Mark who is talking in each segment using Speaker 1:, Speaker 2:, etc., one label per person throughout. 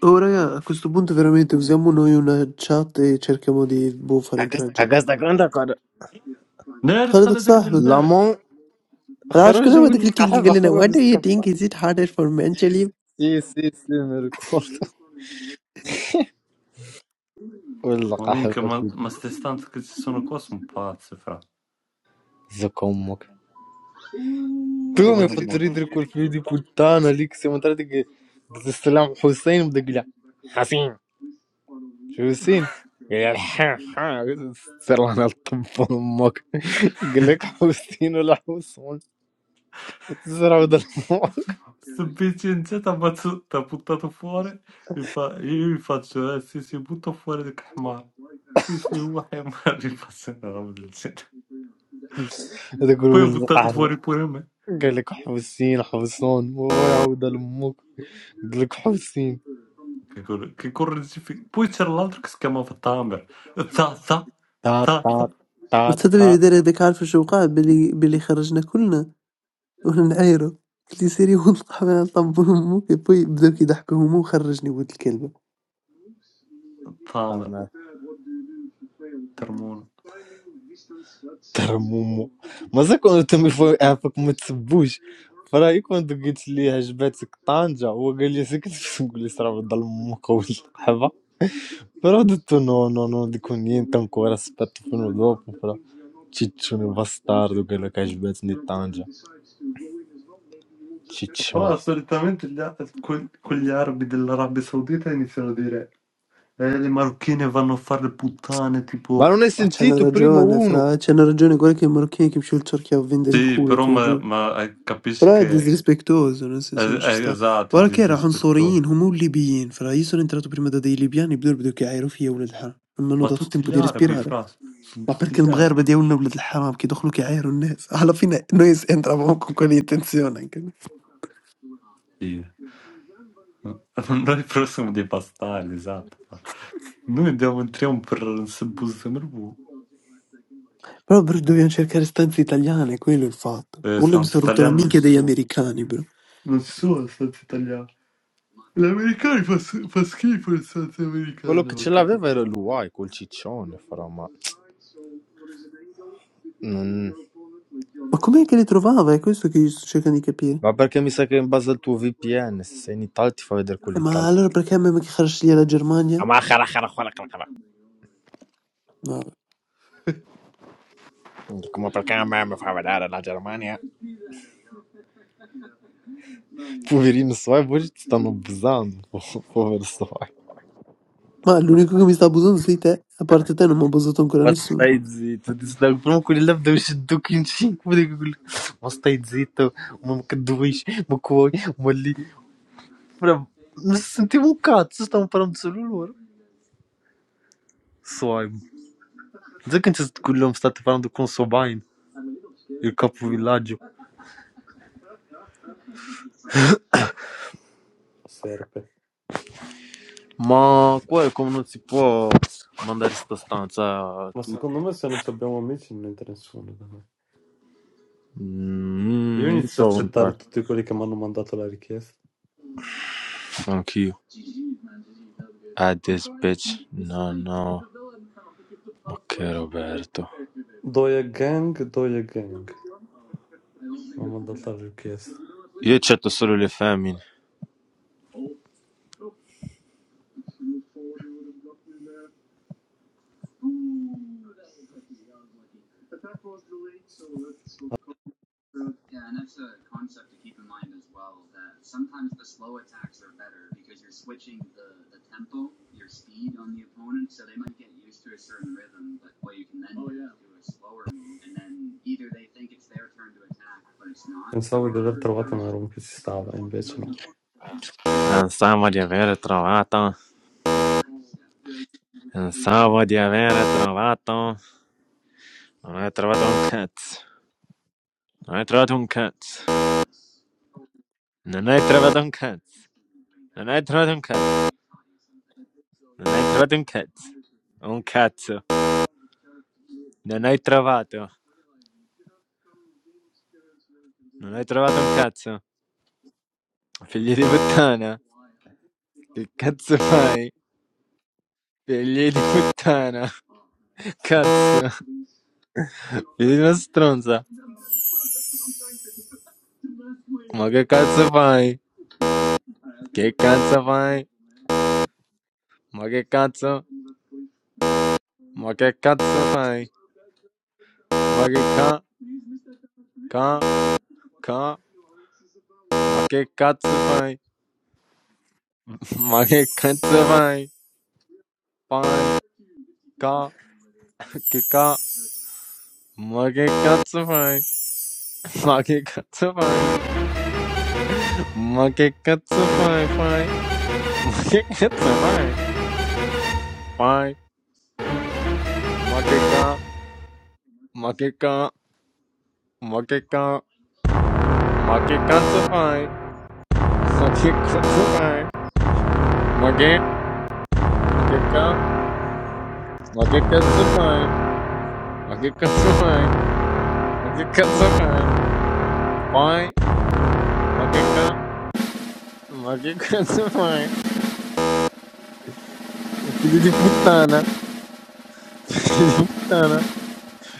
Speaker 1: Oh raga, a questo punto veramente usiamo noi una chat e cerchiamo di boh, fare incoraggio.
Speaker 2: قصدك عندك
Speaker 3: Nerf
Speaker 1: خالدك
Speaker 3: Khaled dak
Speaker 1: صاحبك
Speaker 3: il-berħ.
Speaker 2: لامون
Speaker 1: انا عارف شكون
Speaker 2: خرج
Speaker 1: هو هذاك الكينكي قال
Speaker 2: والقحبة
Speaker 1: لنا why
Speaker 2: خرج
Speaker 1: do you think
Speaker 2: السكفة
Speaker 1: is it harder for men to live
Speaker 2: سي سي سي ميركور
Speaker 3: Ma minke
Speaker 2: والقحبة
Speaker 3: ma ma
Speaker 2: كده
Speaker 3: stestant che ci sono qua sono pazzi, fra.
Speaker 2: زك أمك
Speaker 3: Muoio
Speaker 2: تومي
Speaker 3: non muoio.
Speaker 2: فتريد ريكول فيدي بوتانا ليك سي مطرتك السلام حسين بدك لا شو حسين قال ها ها سر انا الطب امك قال لك حسين ولا حسون زرع ود امك
Speaker 3: Sto Vincenzo t'ha ammazzato- t'ha buttato fuori. Mi fa, io gli faccio, eh sì sì, butto fuori del Khmar. Sì sì, uno Khmar, gli faccio una roba del genere.
Speaker 2: تقول
Speaker 3: Poi ho
Speaker 2: وين
Speaker 3: buttato
Speaker 2: القحبة
Speaker 3: fuori pure me.
Speaker 2: قال لك حسين حسون ويا ود امك قال لك حسين
Speaker 3: Che, cor- che correggifi- Poi c'era l'altro che si chiamava Tamer. Tazza,
Speaker 2: Ta ta
Speaker 3: tazza,
Speaker 2: ta ta
Speaker 1: مستدبي بدار هذاك عارف شو وقع باللي باللي خرجنا كلنا وانا نعايرو قلت لي سيري ونطلع من طب امك بوي بداو كيضحكوا هما وخرجني ولد الكلبه
Speaker 2: ta
Speaker 3: Tamer,
Speaker 2: ma
Speaker 3: Termona.
Speaker 2: Tera mumu Ma sai quando ti mi fai un po' come ti sbuci? Però io quando ti mi fai un po' come ti sbuci? Ho il giallo e io sai che ti fai un po' come ti sravo dal mumu col E va? Però ho detto no, no, no, dico niente ancora, aspetto fino dopo Ciccione va stardo quello che hai un po' come ti sbuci Ciccione
Speaker 3: Fra, solitamente gli, a- que- quegli arabi dell'Arabia Saudita iniziano a dire Eh, le marocchine vanno a fare le puttane,
Speaker 2: Ma
Speaker 3: tipo...
Speaker 2: non hai
Speaker 1: عاد شحال
Speaker 2: sentito prima
Speaker 1: نرجعو انا
Speaker 2: uno?
Speaker 1: فرا عاد شحال نرجعو نقول لك المروكيين كيمشيو لتركيا وفين داري
Speaker 3: Sì, però
Speaker 1: الكول
Speaker 3: ma, ma, eh, capisci
Speaker 1: Però è
Speaker 3: che...
Speaker 1: disrispettoso, nel
Speaker 3: È,
Speaker 1: senso non ci
Speaker 3: è
Speaker 1: sta.
Speaker 3: esatto, è
Speaker 1: Guarda che erano
Speaker 3: disrispettoso.
Speaker 1: عنصريين هما والليبيين، فاللي sono entrato prima da dei libiani بداو يبداو يعايروا فيا ولاد الحرام، non mi hanno
Speaker 3: Ma
Speaker 1: dato
Speaker 3: tutti
Speaker 1: tempo
Speaker 3: gli
Speaker 1: di
Speaker 3: arabi,
Speaker 1: respirare.
Speaker 3: fra, sono
Speaker 1: Ma
Speaker 3: tutti
Speaker 1: perché
Speaker 3: gli arabi.
Speaker 1: المغاربة دياولنا ولاد الحرام كيدخلوا كيعايروا الناس. Alla fine noi entravamo con quell'intenzione anche noi.
Speaker 3: Sì. Noi però siamo dei bastardi, esatto. Noi andiamo, entriamo per Sembus Merbu.
Speaker 1: Però bro dobbiamo cercare stanze italiane, quello è il fatto.
Speaker 3: Eh,
Speaker 1: Quello mi
Speaker 3: stanze
Speaker 1: sono rotto la
Speaker 3: italiane non ci
Speaker 1: minchia degli
Speaker 3: sono.
Speaker 1: americani bro.
Speaker 3: Non ci sono stanze italiane. Gli americani fa, fa schifo le stanze
Speaker 2: Quello
Speaker 3: americane,
Speaker 2: che ce
Speaker 3: vacca
Speaker 2: l'aveva era
Speaker 3: puttana.
Speaker 2: lui
Speaker 3: La
Speaker 2: Vai col ciccione, però ma... Mmm...
Speaker 1: Ma com'è che li trovava? È questo che io sto cercando di capire.
Speaker 2: Ma perché mi sa che è in base al tuo VPN, se sei in Italia ti fa vedere quello
Speaker 1: Eh ma
Speaker 2: italiano.
Speaker 1: allora perché a me ma che خرجت ليا la Germania?
Speaker 2: Ma cara, cara, cara, cara, cara.
Speaker 1: Vabbè.
Speaker 2: Como perché a me mi fa vedere la Germania? Poverino Soai, poi ti stanno abusando, po- povero Soai.
Speaker 1: Ma l'unico che mi sta abusando sei te, a parte te non mi ha abusato ancora
Speaker 2: Ma
Speaker 1: nessuno.
Speaker 2: stai zitto, ti stanno proprio quelli là devono uscire in 5, ma stai zitto, ma che due, ma coi, ma lì. Però, non sentivo un cazzo, stavano parlando solo loro. Soai, sai che non c'è quell'uomo state parlando con Sobain, il capovillaggio?
Speaker 3: serpe.
Speaker 2: Ma qua è come non si può mandare sta stanza a
Speaker 3: Ma
Speaker 2: tutti.
Speaker 3: secondo me se non ci abbiamo amici non entra nessuno. da noi. Io
Speaker 2: Mm, io
Speaker 3: inizio a
Speaker 2: provo a entrare.
Speaker 3: accettare tutti quelli che mi hanno mandato la richiesta.
Speaker 2: Anch'io. Add this bitch. No, no. Ok, Roberto.
Speaker 3: Doia Gang, Doia Gang. Mi hanno mandato la richiesta.
Speaker 2: Io accetto solo le femmine.
Speaker 3: Pensavo di aver trovato una room che ci stava, invece no.
Speaker 2: Pensavo di aver trovato. Pensavo di aver trovato. Non hai trovato un cazzo. Non hai trovato un cazzo. Non hai trovato un cazzo. Non hai trovato un cazzo. Non hai trovato un cazzo. Un cazzo. Non hai trovato. Non hai trovato un cazzo. Figli di puttana. Che cazzo fai? Figli di puttana. Cazzo. Figli di una stronza. Ma che cazzo fai? Che cazzo fai? Ma che cazzo? Ma che cazzo fai? Ma che ca... ca... ca... Ma che cazzo fai? Ma che cazzo fai? Fai... ca... che ca... Ma che cazzo fai? Ma che cazzo fai? Ma che cazzo fai? Fai... Ma che cazzo fai? Fai... Ma che ca... 負けかん、負けかん、負けかつファイ、負けかつファイ、負け、負けか、負けかつファイ、負けかつファイ、負けかつファイ、ファイ、負けか、負けかつファイ、filho de putana, filho de putana,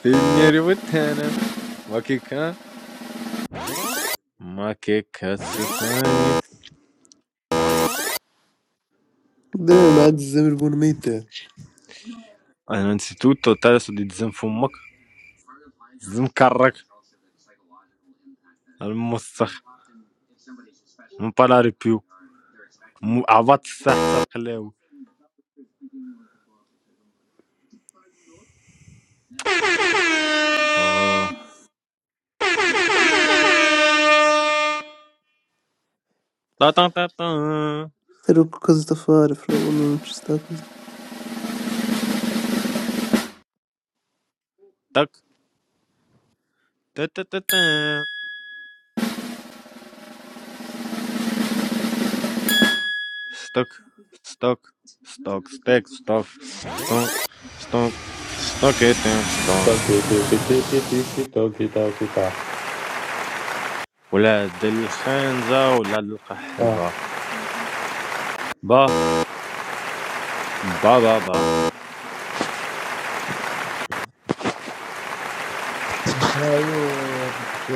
Speaker 2: filho de putana,負けか、負けかつファイ。Antes
Speaker 1: Devo ma Zimmerman
Speaker 2: de tudo, tratar de desenfumar, desencarrar, almoçar, não parar de piu. م- عبط الساعة حتى القلاوي اه طا طا طا طا
Speaker 1: Però che cosa sta a fare, fra? Uno non ci sta così.
Speaker 2: طك تا تا تا تا ستوك ستوك ستوك ستيك ستوك ستوك ستوك ستوك تيك توك
Speaker 3: Tocchi, tiki, tiki, tiki, tocchi, tocchi, ta.
Speaker 2: ولاد الخنزة ولاد
Speaker 3: Ah.
Speaker 2: القحبة با با با با ايوه ديك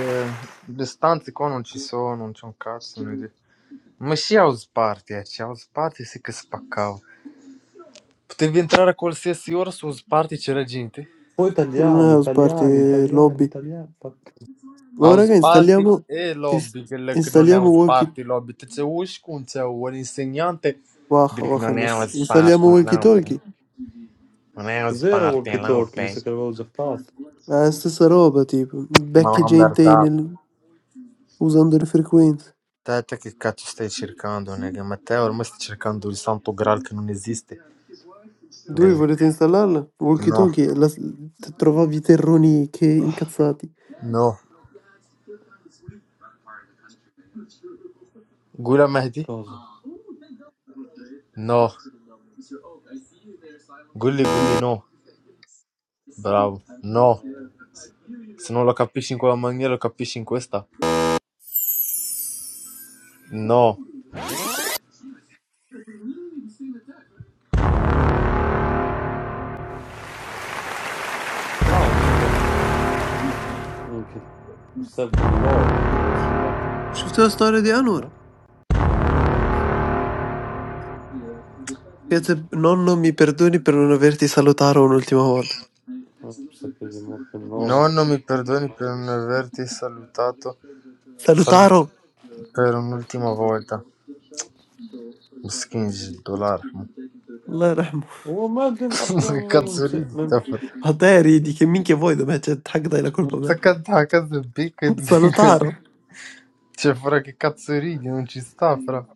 Speaker 2: لي ستانت يكونوا شي سون ونشون كارس ونودي ماشي عاوز بارتي هادشي عاوز بارتي سي كسبكاو بتبي انت راه كول سي سيورس وز بارتي تشرا
Speaker 3: Poi
Speaker 1: Non
Speaker 3: italiani,
Speaker 1: è house party,
Speaker 3: italiani,
Speaker 1: è
Speaker 3: italiani,
Speaker 1: lobby.
Speaker 3: italiani. fa-
Speaker 1: Ma
Speaker 2: House
Speaker 1: raga,
Speaker 2: party
Speaker 1: installiamo...
Speaker 2: e
Speaker 1: ins-
Speaker 2: lobby, quello che non è
Speaker 1: installiamo
Speaker 2: house
Speaker 1: walkie...
Speaker 2: party, lobby. Te c'è un c'è un insegnante
Speaker 1: Waha,
Speaker 2: quello che
Speaker 1: waha
Speaker 2: non è
Speaker 1: miss.
Speaker 2: house
Speaker 1: Installiamo
Speaker 2: party,
Speaker 1: walkie
Speaker 2: lobby.
Speaker 1: talkie.
Speaker 2: Non è house
Speaker 3: Cos'era
Speaker 2: party,
Speaker 3: Walk
Speaker 2: è
Speaker 3: e Talk? Mi
Speaker 2: lobby.
Speaker 3: sa che l'avevo già fatto.
Speaker 1: La stessa roba, tipo.
Speaker 2: Ma
Speaker 1: Becchi
Speaker 2: una
Speaker 1: gente
Speaker 2: merdata.
Speaker 1: nel- usando le frequenze.
Speaker 2: Te, te che cazzo stai cercando, nega? Ma te ormai stai cercando il santo graal che non esiste.
Speaker 1: Voi
Speaker 2: Quello-
Speaker 1: volete installarla? Walkie
Speaker 2: No,
Speaker 1: talkie, la... t- trovavi terroni che
Speaker 3: Ah,
Speaker 1: incazzati.
Speaker 2: no. Gula Mehdi?
Speaker 3: Cosa?
Speaker 2: No. Gulli Gulli no. Bravo. No.
Speaker 3: Eh,
Speaker 2: Se non lo capisci in quella maniera, lo capisci in questa. No.
Speaker 3: Bravo, perché... Minchia, serve un lobby, devo installare...
Speaker 1: Scritto la storia di Anwar.
Speaker 3: No? Cosa ho messo? Ah, no.
Speaker 1: Piazza, nonno, mi perdoni per non averti salutato un'ultima volta.
Speaker 3: Ah, mi sa che gli ho messo il nome.
Speaker 2: Nonno, mi perdoni per non averti salutato. Sal-
Speaker 1: Salutaro!
Speaker 2: Era un'ultima volta. مسكين جد الله يرحمه
Speaker 1: La ramo.
Speaker 3: هو ما كان طبعا مو ممس...
Speaker 2: كاتسوريدي
Speaker 3: مم...
Speaker 2: تفر
Speaker 1: Alteri di che minchia vuoi da me? Cioè, anche dai la colpa a
Speaker 2: انت
Speaker 1: me.
Speaker 2: كتضحك بيك تقول
Speaker 1: Salutaro.
Speaker 2: شوف راكي كاتسوريدي وانتي ستافرة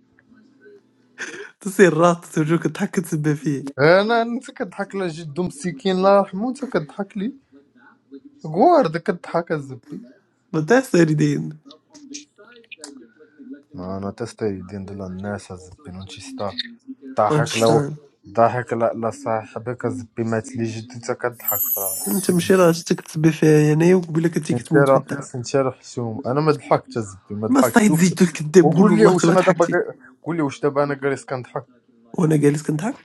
Speaker 1: Tu sei il ratto, ti giuro che tacco tibbi
Speaker 2: انا انت كتضحك لا جدو مسكين الله يرحمه انت كتضحك لي غوارد كتضحك الزبي
Speaker 1: Ma te stai ridendo.
Speaker 2: انا تستري دين دول الناس الزبي وانتي ستار
Speaker 1: Non ci
Speaker 2: ضحك لو
Speaker 1: stanno.
Speaker 2: ضحك لا لا صاحبك الزبي مات لي جدو انت كتضحك
Speaker 1: Non c'è مشكلة عشان تك تسبي فيا انا وقبل لك تجيك تموت في
Speaker 2: سنشيرة
Speaker 1: الدار
Speaker 2: سنشيرة حشوم انا ما ضحكتش الزبي ما
Speaker 1: ما
Speaker 2: ضحكت
Speaker 1: استعيد
Speaker 2: شوف
Speaker 1: زيد الكذاب قول
Speaker 2: وقول لي
Speaker 1: والله انت
Speaker 2: واش
Speaker 1: ما
Speaker 2: انا دابا
Speaker 1: ضحكتي
Speaker 2: قا- قول لي واش دابا انا جالس كنضحك
Speaker 1: وانا جالس كنضحك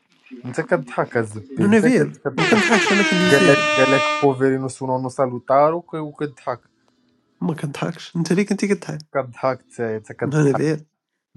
Speaker 2: انت كضحك الزبي انت
Speaker 1: نو فير
Speaker 2: جالس
Speaker 1: ما
Speaker 2: كضحك
Speaker 1: كنضحكش انا كنت
Speaker 2: قال لك
Speaker 1: سير
Speaker 2: قال لك بوفيرينو سونونو سالوتارو وك- وكضحك
Speaker 1: ما كنضحكش انت ليه كنتي كتضحك
Speaker 2: كضحك تايا انت
Speaker 1: نو
Speaker 2: كضحك
Speaker 1: فير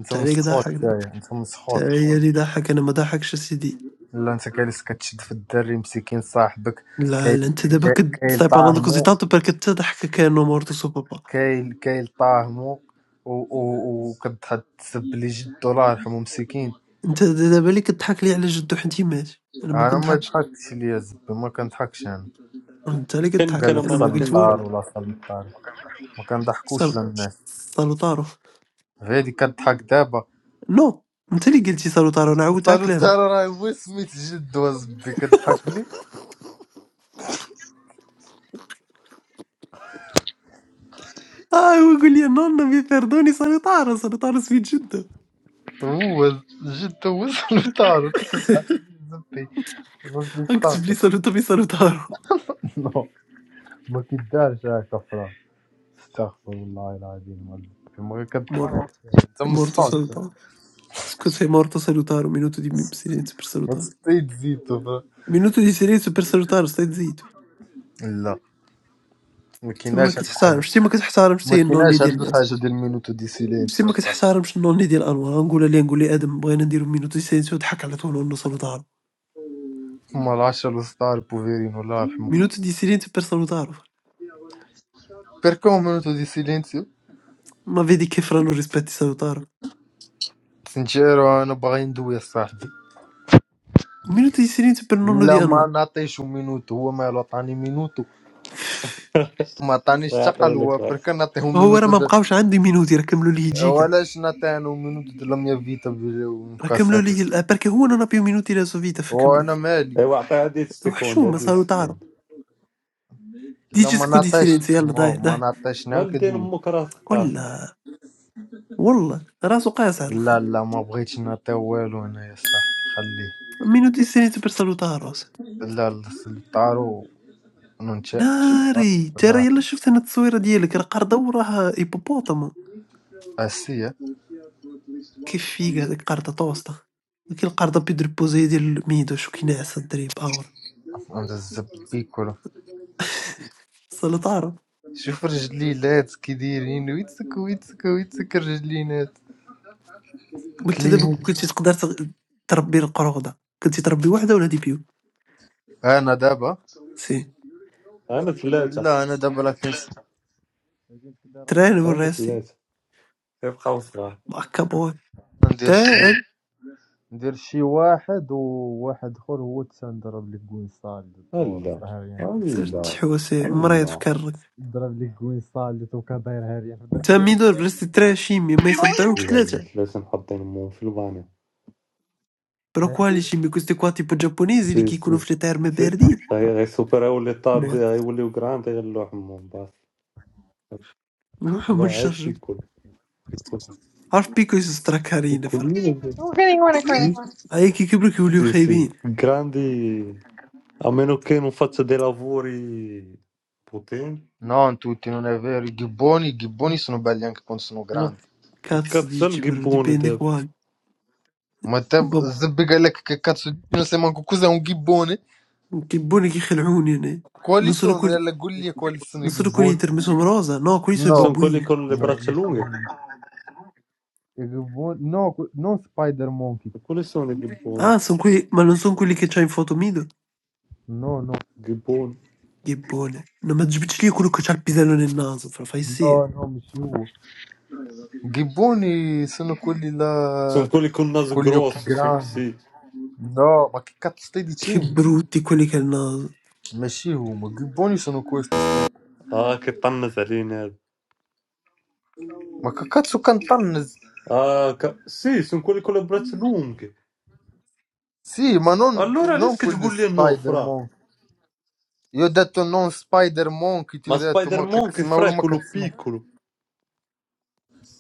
Speaker 2: انت
Speaker 1: انت عليك
Speaker 2: مسخوط
Speaker 1: ضحك انت
Speaker 2: تايا انت مسخوط
Speaker 1: عليا اللي ضحك انا ما ضحكش يا سيدي
Speaker 2: لا انت جالس كتشد في الدري مسكين صاحبك
Speaker 1: لا
Speaker 2: كاي
Speaker 1: لا انت دابا
Speaker 2: كاي كاي
Speaker 1: كتسطيب على دوك
Speaker 2: طاهمو
Speaker 1: زيتات برك تضحك كانه مورتو سو بابا
Speaker 2: كاي كاي طاهمو و- و- وكتحط تسب لي جدو الله يرحمه مسكين
Speaker 1: أنت د- دابا اللي كضحك لي على جدو حنتي مات، أنا ما
Speaker 2: انا ما
Speaker 1: كنضحكش،
Speaker 2: ضحكش ليا الزبي ما كنضحكش انا
Speaker 1: أنت اللي
Speaker 3: كان
Speaker 2: قال
Speaker 3: كان
Speaker 1: كضحك،
Speaker 2: لك
Speaker 3: ما
Speaker 1: أنا ما قلت
Speaker 3: نتكلم
Speaker 1: والو،
Speaker 3: كان
Speaker 2: سلطار ولا سلطار ما كنضحكوش
Speaker 1: سال
Speaker 2: للناس
Speaker 1: سالوتارو،
Speaker 2: غير اللي كضحك دابا
Speaker 1: نو أنت اللي قلتي سالوتارو أنا عاودت على كلامك،
Speaker 2: سلطار راه هو سميت جد وزبي كضحك لي
Speaker 1: آه هو يقول لي نونا مي بيردوني سالوتارو سالوتارو سميت جدو،
Speaker 2: هو جد هو سلطار وانت كتضحك لي زبي فهمتي
Speaker 1: غنكتب لي
Speaker 2: استغفر
Speaker 1: سالوتو بي سالوتارو،
Speaker 2: نو ما كيدارش هكا فرا استغفر الله العظيم والله. ما
Speaker 1: مور
Speaker 2: كتضحك انت
Speaker 1: مورتو
Speaker 2: مصفاك
Speaker 1: سالوتارو، سكوت هي مورتو سالوتارو مينوتو دي مي- سيلينتو بير
Speaker 2: ما
Speaker 1: سالوتارو،
Speaker 2: تستيد زيتو
Speaker 1: مينوتو دي سيلينتو بير سالوتارو ستا تزيدو،
Speaker 2: لا ما
Speaker 1: تما
Speaker 2: كايناش هاد
Speaker 1: كتحترم
Speaker 2: الحاجه
Speaker 1: شتي ما كتحترمش
Speaker 2: ما
Speaker 1: حتى هي النون اللي
Speaker 2: كايناش
Speaker 1: ديال
Speaker 2: هاد
Speaker 1: الناس.
Speaker 2: الحاجه ديال مينوتو دي
Speaker 1: شتي
Speaker 2: سيلينسيو
Speaker 1: ما
Speaker 2: صافي
Speaker 1: كتحترمش النوني ديال أنور، غنقولها ليه نقول ليه آدم بغينا نديرو Minuto di silenzio ضحك على طول ونو salutaru.
Speaker 2: هما العشرة ولا 16 بوفيرين الله يرحمه
Speaker 1: Minuto di silenzio per salutaro.
Speaker 2: بيركو مينوتو دي سيلينسيو
Speaker 1: ما vedi che fra non rispetti salutaro.
Speaker 2: سنجيرو انا باغي ندوي صاحبي
Speaker 1: Minuto di silenzio per nonno di
Speaker 2: لا ما
Speaker 1: Anwar.
Speaker 2: نعطيش مينوتو هو مالو عطاني مينوتو ما عطانيش
Speaker 3: يعطي
Speaker 2: تقل هو
Speaker 3: لك راه.
Speaker 2: برك نعطيه
Speaker 1: وهو راه
Speaker 2: مينوتو
Speaker 1: ما
Speaker 2: د...
Speaker 1: بقاوش عنده مينوتي راه كملوا ليه جيكا
Speaker 2: ولاش نعطي انا مينوتو د لاميا فيتا
Speaker 1: راه كملوا
Speaker 2: مكاساتي
Speaker 1: ليه ال- آه، برك هو نون ابيو مينوتي لا سو فيتا فكملوا
Speaker 2: وانا مالي
Speaker 3: ايوا عطي هادي السكوند
Speaker 1: وحشومه
Speaker 3: هادي
Speaker 1: سالوتارو
Speaker 3: السكوند
Speaker 2: لا
Speaker 1: ديجي
Speaker 2: ما
Speaker 1: سكو دي
Speaker 2: نعطيش
Speaker 1: سيلينسيو يلا
Speaker 2: ما
Speaker 1: داي
Speaker 2: ما
Speaker 1: داي
Speaker 2: نعطيش انا
Speaker 3: مالدين
Speaker 2: كدوي
Speaker 3: امك راه ثقاف
Speaker 1: ولا والله راسو قاس على
Speaker 2: لا
Speaker 1: الخير
Speaker 2: لا ما بغيتش نعطي والو انا يا صاحبي خليه
Speaker 1: مينوتي دي سيلينسيو بير سالوتارو
Speaker 2: لا لا الطارو Nunca
Speaker 1: ناري ترى
Speaker 2: لا
Speaker 1: يلا شفت انا التصويره ديالك راه قرده وراه هيبوبوطام
Speaker 2: آسيا
Speaker 1: كيف فيك هذيك قرضة توسطة كي القرضة بيدربوزي يدير الميدو شو كي ناعس الدريب اغور
Speaker 2: عند الزبيكولة
Speaker 1: صلاة تعرف
Speaker 2: شوف رجليلات كي دايرين ويتسك ويتسك ويتسك رجلينات
Speaker 1: وانت دابا
Speaker 2: كلينيك
Speaker 1: كون كنتي تقدر تغ- تربي القرودة كنتي تربي وحدة ولا دي بيو
Speaker 2: انا دابا
Speaker 1: سي
Speaker 3: انا ثلاثة
Speaker 2: لا انا دابا لا كنس
Speaker 1: تران
Speaker 3: انا
Speaker 1: وراسي
Speaker 3: ثلاثة يبقاو صغار
Speaker 1: هكا بغا
Speaker 2: ندير
Speaker 1: تا أن
Speaker 2: شي ندير شي واحد وواحد اخر هو تنضرب لك كوين صالد
Speaker 3: لا
Speaker 2: الدور
Speaker 3: لا
Speaker 2: هاريان
Speaker 1: صرت
Speaker 3: لا
Speaker 1: تحوسي مريض في
Speaker 3: لا
Speaker 1: كرك
Speaker 2: ضرب لك كوين صالد وكا داير هاريان في الدار
Speaker 1: انت
Speaker 2: كيدير
Speaker 1: ميدو رستي تران شيمي ما يصدعوكش
Speaker 3: لا
Speaker 1: ثلاثة
Speaker 3: ثلاثة محطين امهم في البانيو
Speaker 1: بروكوالي شيمي كوستي كوا تيبو جابونيزي اللي
Speaker 3: سي
Speaker 1: كيكونوا
Speaker 3: سي
Speaker 1: في لي تاير ما
Speaker 3: سي
Speaker 1: باردين
Speaker 3: غي غي سوبر غيولي طاد غيوليو كراند غيلوح امهم باص
Speaker 1: نروحو من
Speaker 3: غير
Speaker 1: الشرجم
Speaker 3: بيكول بيكول
Speaker 1: عارف بيكو يسطرا كارين فرق
Speaker 3: بيكول
Speaker 1: هاي كي كبروا كيوليو
Speaker 3: Sì, sì,
Speaker 1: خايبين
Speaker 3: grandi, a meno che non faccia dei lavori potenti.
Speaker 2: نو انتو تينو نافير يجيبوني يجيبوني سنو باليان كيكون سنو
Speaker 3: No, che
Speaker 1: Cazzo
Speaker 3: cazzo è il
Speaker 1: dici però,
Speaker 3: gibbone?
Speaker 1: dipende
Speaker 3: de-
Speaker 1: qua.
Speaker 2: Matamba,
Speaker 1: Boh,
Speaker 2: zibigale kakatsu nasema nguku za ngibone
Speaker 1: che buoni che Heluni, eh. Non sono
Speaker 2: kwalisono
Speaker 1: quelli,
Speaker 2: yala gulia kwalisono
Speaker 1: non sono quelli di
Speaker 2: igibone
Speaker 1: Termesomo Rosa, no, quelli sono i
Speaker 2: no
Speaker 3: Sono quelli
Speaker 1: babbuini.
Speaker 3: con le
Speaker 2: no
Speaker 3: braccia lunghe?
Speaker 2: mshiu igibone no ku- no que- non spider monkey
Speaker 3: Quelli sono i gibboni.
Speaker 1: Ah, sono quelli, ma non sono quelli che c'ha in foto Mido?
Speaker 2: no no
Speaker 3: Gibboni.
Speaker 1: Che buone. No, ma Gibicilli è quello che c'ha il pisello nel naso, fra fai sì.
Speaker 2: no no mshiu giboni sono quelli
Speaker 3: Sono
Speaker 2: là
Speaker 3: quelli con il naso
Speaker 2: con gli occhi
Speaker 3: grosso, son-
Speaker 2: grandi
Speaker 3: sì.
Speaker 2: no ma che cazzo stai
Speaker 1: Che
Speaker 2: dicendo
Speaker 1: brutti quelli che ha il naso.
Speaker 2: mshiu ma giboni sono questi aspetta
Speaker 3: Ah, che pannasaline.
Speaker 2: ma che cazzo cantano
Speaker 3: Ah, ca- sì, sono quelli con le braccia lunghe.
Speaker 2: sì ma non
Speaker 3: Allora lei
Speaker 2: non
Speaker 3: che
Speaker 2: quelli
Speaker 3: sgugliano,
Speaker 2: spider
Speaker 3: fra.
Speaker 2: يو ذات نون سبايدر مونكي
Speaker 3: Ma
Speaker 2: تو ذات ما
Speaker 3: Spider-Man che
Speaker 2: كتسمع
Speaker 3: fra è
Speaker 2: ولا ما
Speaker 3: quello
Speaker 2: كتسمع
Speaker 3: piccolo.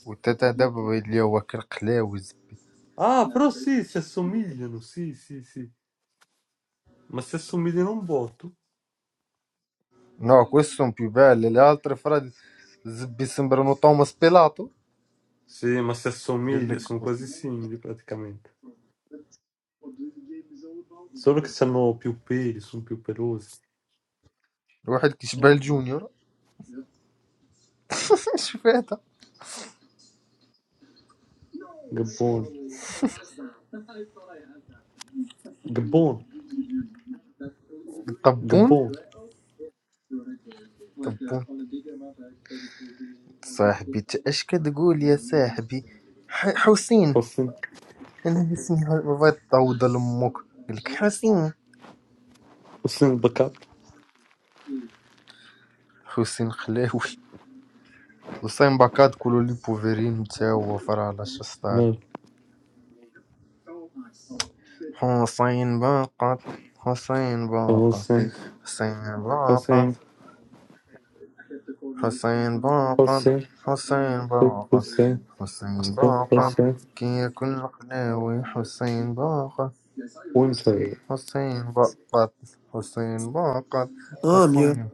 Speaker 2: وتا تا دابا اللي هو كالقلاوي زب-
Speaker 3: Ah, però sì, si assomigliano, sì, sì, sì. Ma si assomigliano un botto.
Speaker 2: نوع كوسهم بيبال الالتر فراد زبي سمبرنو توماس بيلاطو
Speaker 3: Sì, ma si
Speaker 2: قال
Speaker 3: assomiglia,
Speaker 2: لك
Speaker 3: sono quasi simili praticamente. Solo che hanno più peli, sono più pelosi. Sì,
Speaker 2: واحد كيشبه الجونيور شوف هذا
Speaker 3: Gabboni, gabboni,
Speaker 2: طبون
Speaker 3: gabboni.
Speaker 2: طبون صاحبي انت اش كتقول يا صاحبي ح- حسين
Speaker 3: Hossein,
Speaker 2: انا اسمي ه- ما بغيت تعوض لامك قال لك حسين
Speaker 3: Hossein Bakat.
Speaker 2: حسين خلاوي وسين باكاد كولو لي بوفيرين تا هو فرالا شستار
Speaker 3: Bello.
Speaker 2: حسين باقت حسين باقت
Speaker 3: Hossein, eh,
Speaker 2: حسين
Speaker 3: Hossein,
Speaker 2: باقت حسين باقت
Speaker 3: Hossein,
Speaker 2: حسين باقت
Speaker 3: Hossein,
Speaker 2: حسين باقت
Speaker 3: Hossein.
Speaker 2: كيك القلاوي حسين باقت
Speaker 3: Winfrey.
Speaker 2: حسين باقت حسين باقت
Speaker 1: Ah, mio.
Speaker 2: حسين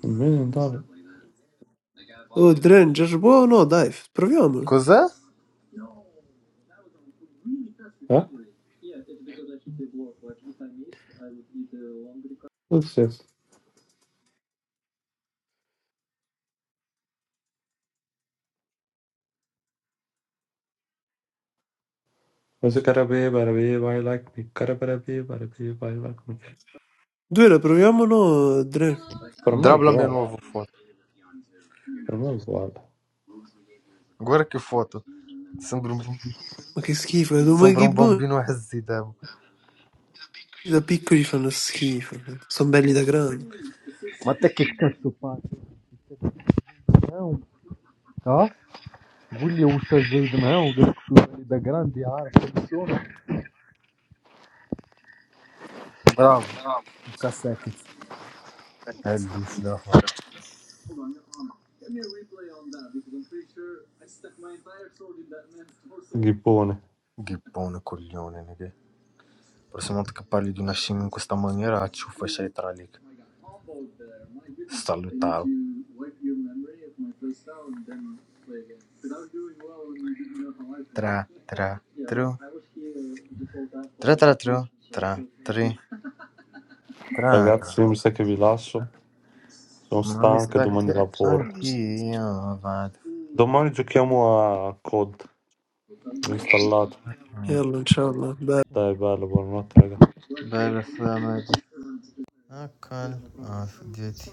Speaker 3: Un million dollar.
Speaker 1: Oh, Dren, già buono, dai, f- proviamolo.
Speaker 2: Cos'è?
Speaker 3: Eh? Hossein. Hossein Karabè, Barabè, I like me. Karabarabè, Barabè, I like me.
Speaker 1: Due la proviamolo, Dren.
Speaker 3: Per me è
Speaker 2: Drab la mia
Speaker 3: uguale,
Speaker 2: nuova foto.
Speaker 3: per me è uguale.
Speaker 2: Agora que foto. Sembra um,
Speaker 1: Ma che schifo, eh, ma
Speaker 2: sembra
Speaker 1: che
Speaker 2: um
Speaker 1: buoni.
Speaker 2: bambino esitevo.
Speaker 1: Da piccoli fanno schifo, sono belli da grandi.
Speaker 2: Ma te che cazzo fai? Não, tá? Bulha O usare il não, da grande área. Bravo. Tocca a Sackett. Eh, Lucio Dalla-
Speaker 3: Gibbone.
Speaker 2: Ghippone coglione, nigga. Prossima volta che parli di una scimmia in questa maniera, ci ufficiai tra lì. Salutavo. Tra, tra, tru, tra, tra, tru, tra, tri, tra,
Speaker 3: Ragazzi,
Speaker 2: tra.
Speaker 3: io mi sa che vi lascio. Sono
Speaker 2: Ma mi
Speaker 3: stanca,
Speaker 2: sa
Speaker 3: domani
Speaker 2: che
Speaker 3: lavoro.
Speaker 2: anch'io vado.
Speaker 3: Domani giochiamo a COD installato.
Speaker 1: E
Speaker 2: Mm.
Speaker 1: allora, ciao, va, beh.
Speaker 3: Dai, bello, buonanotte, raga.
Speaker 2: Bella sabato. Accal, As, dieci.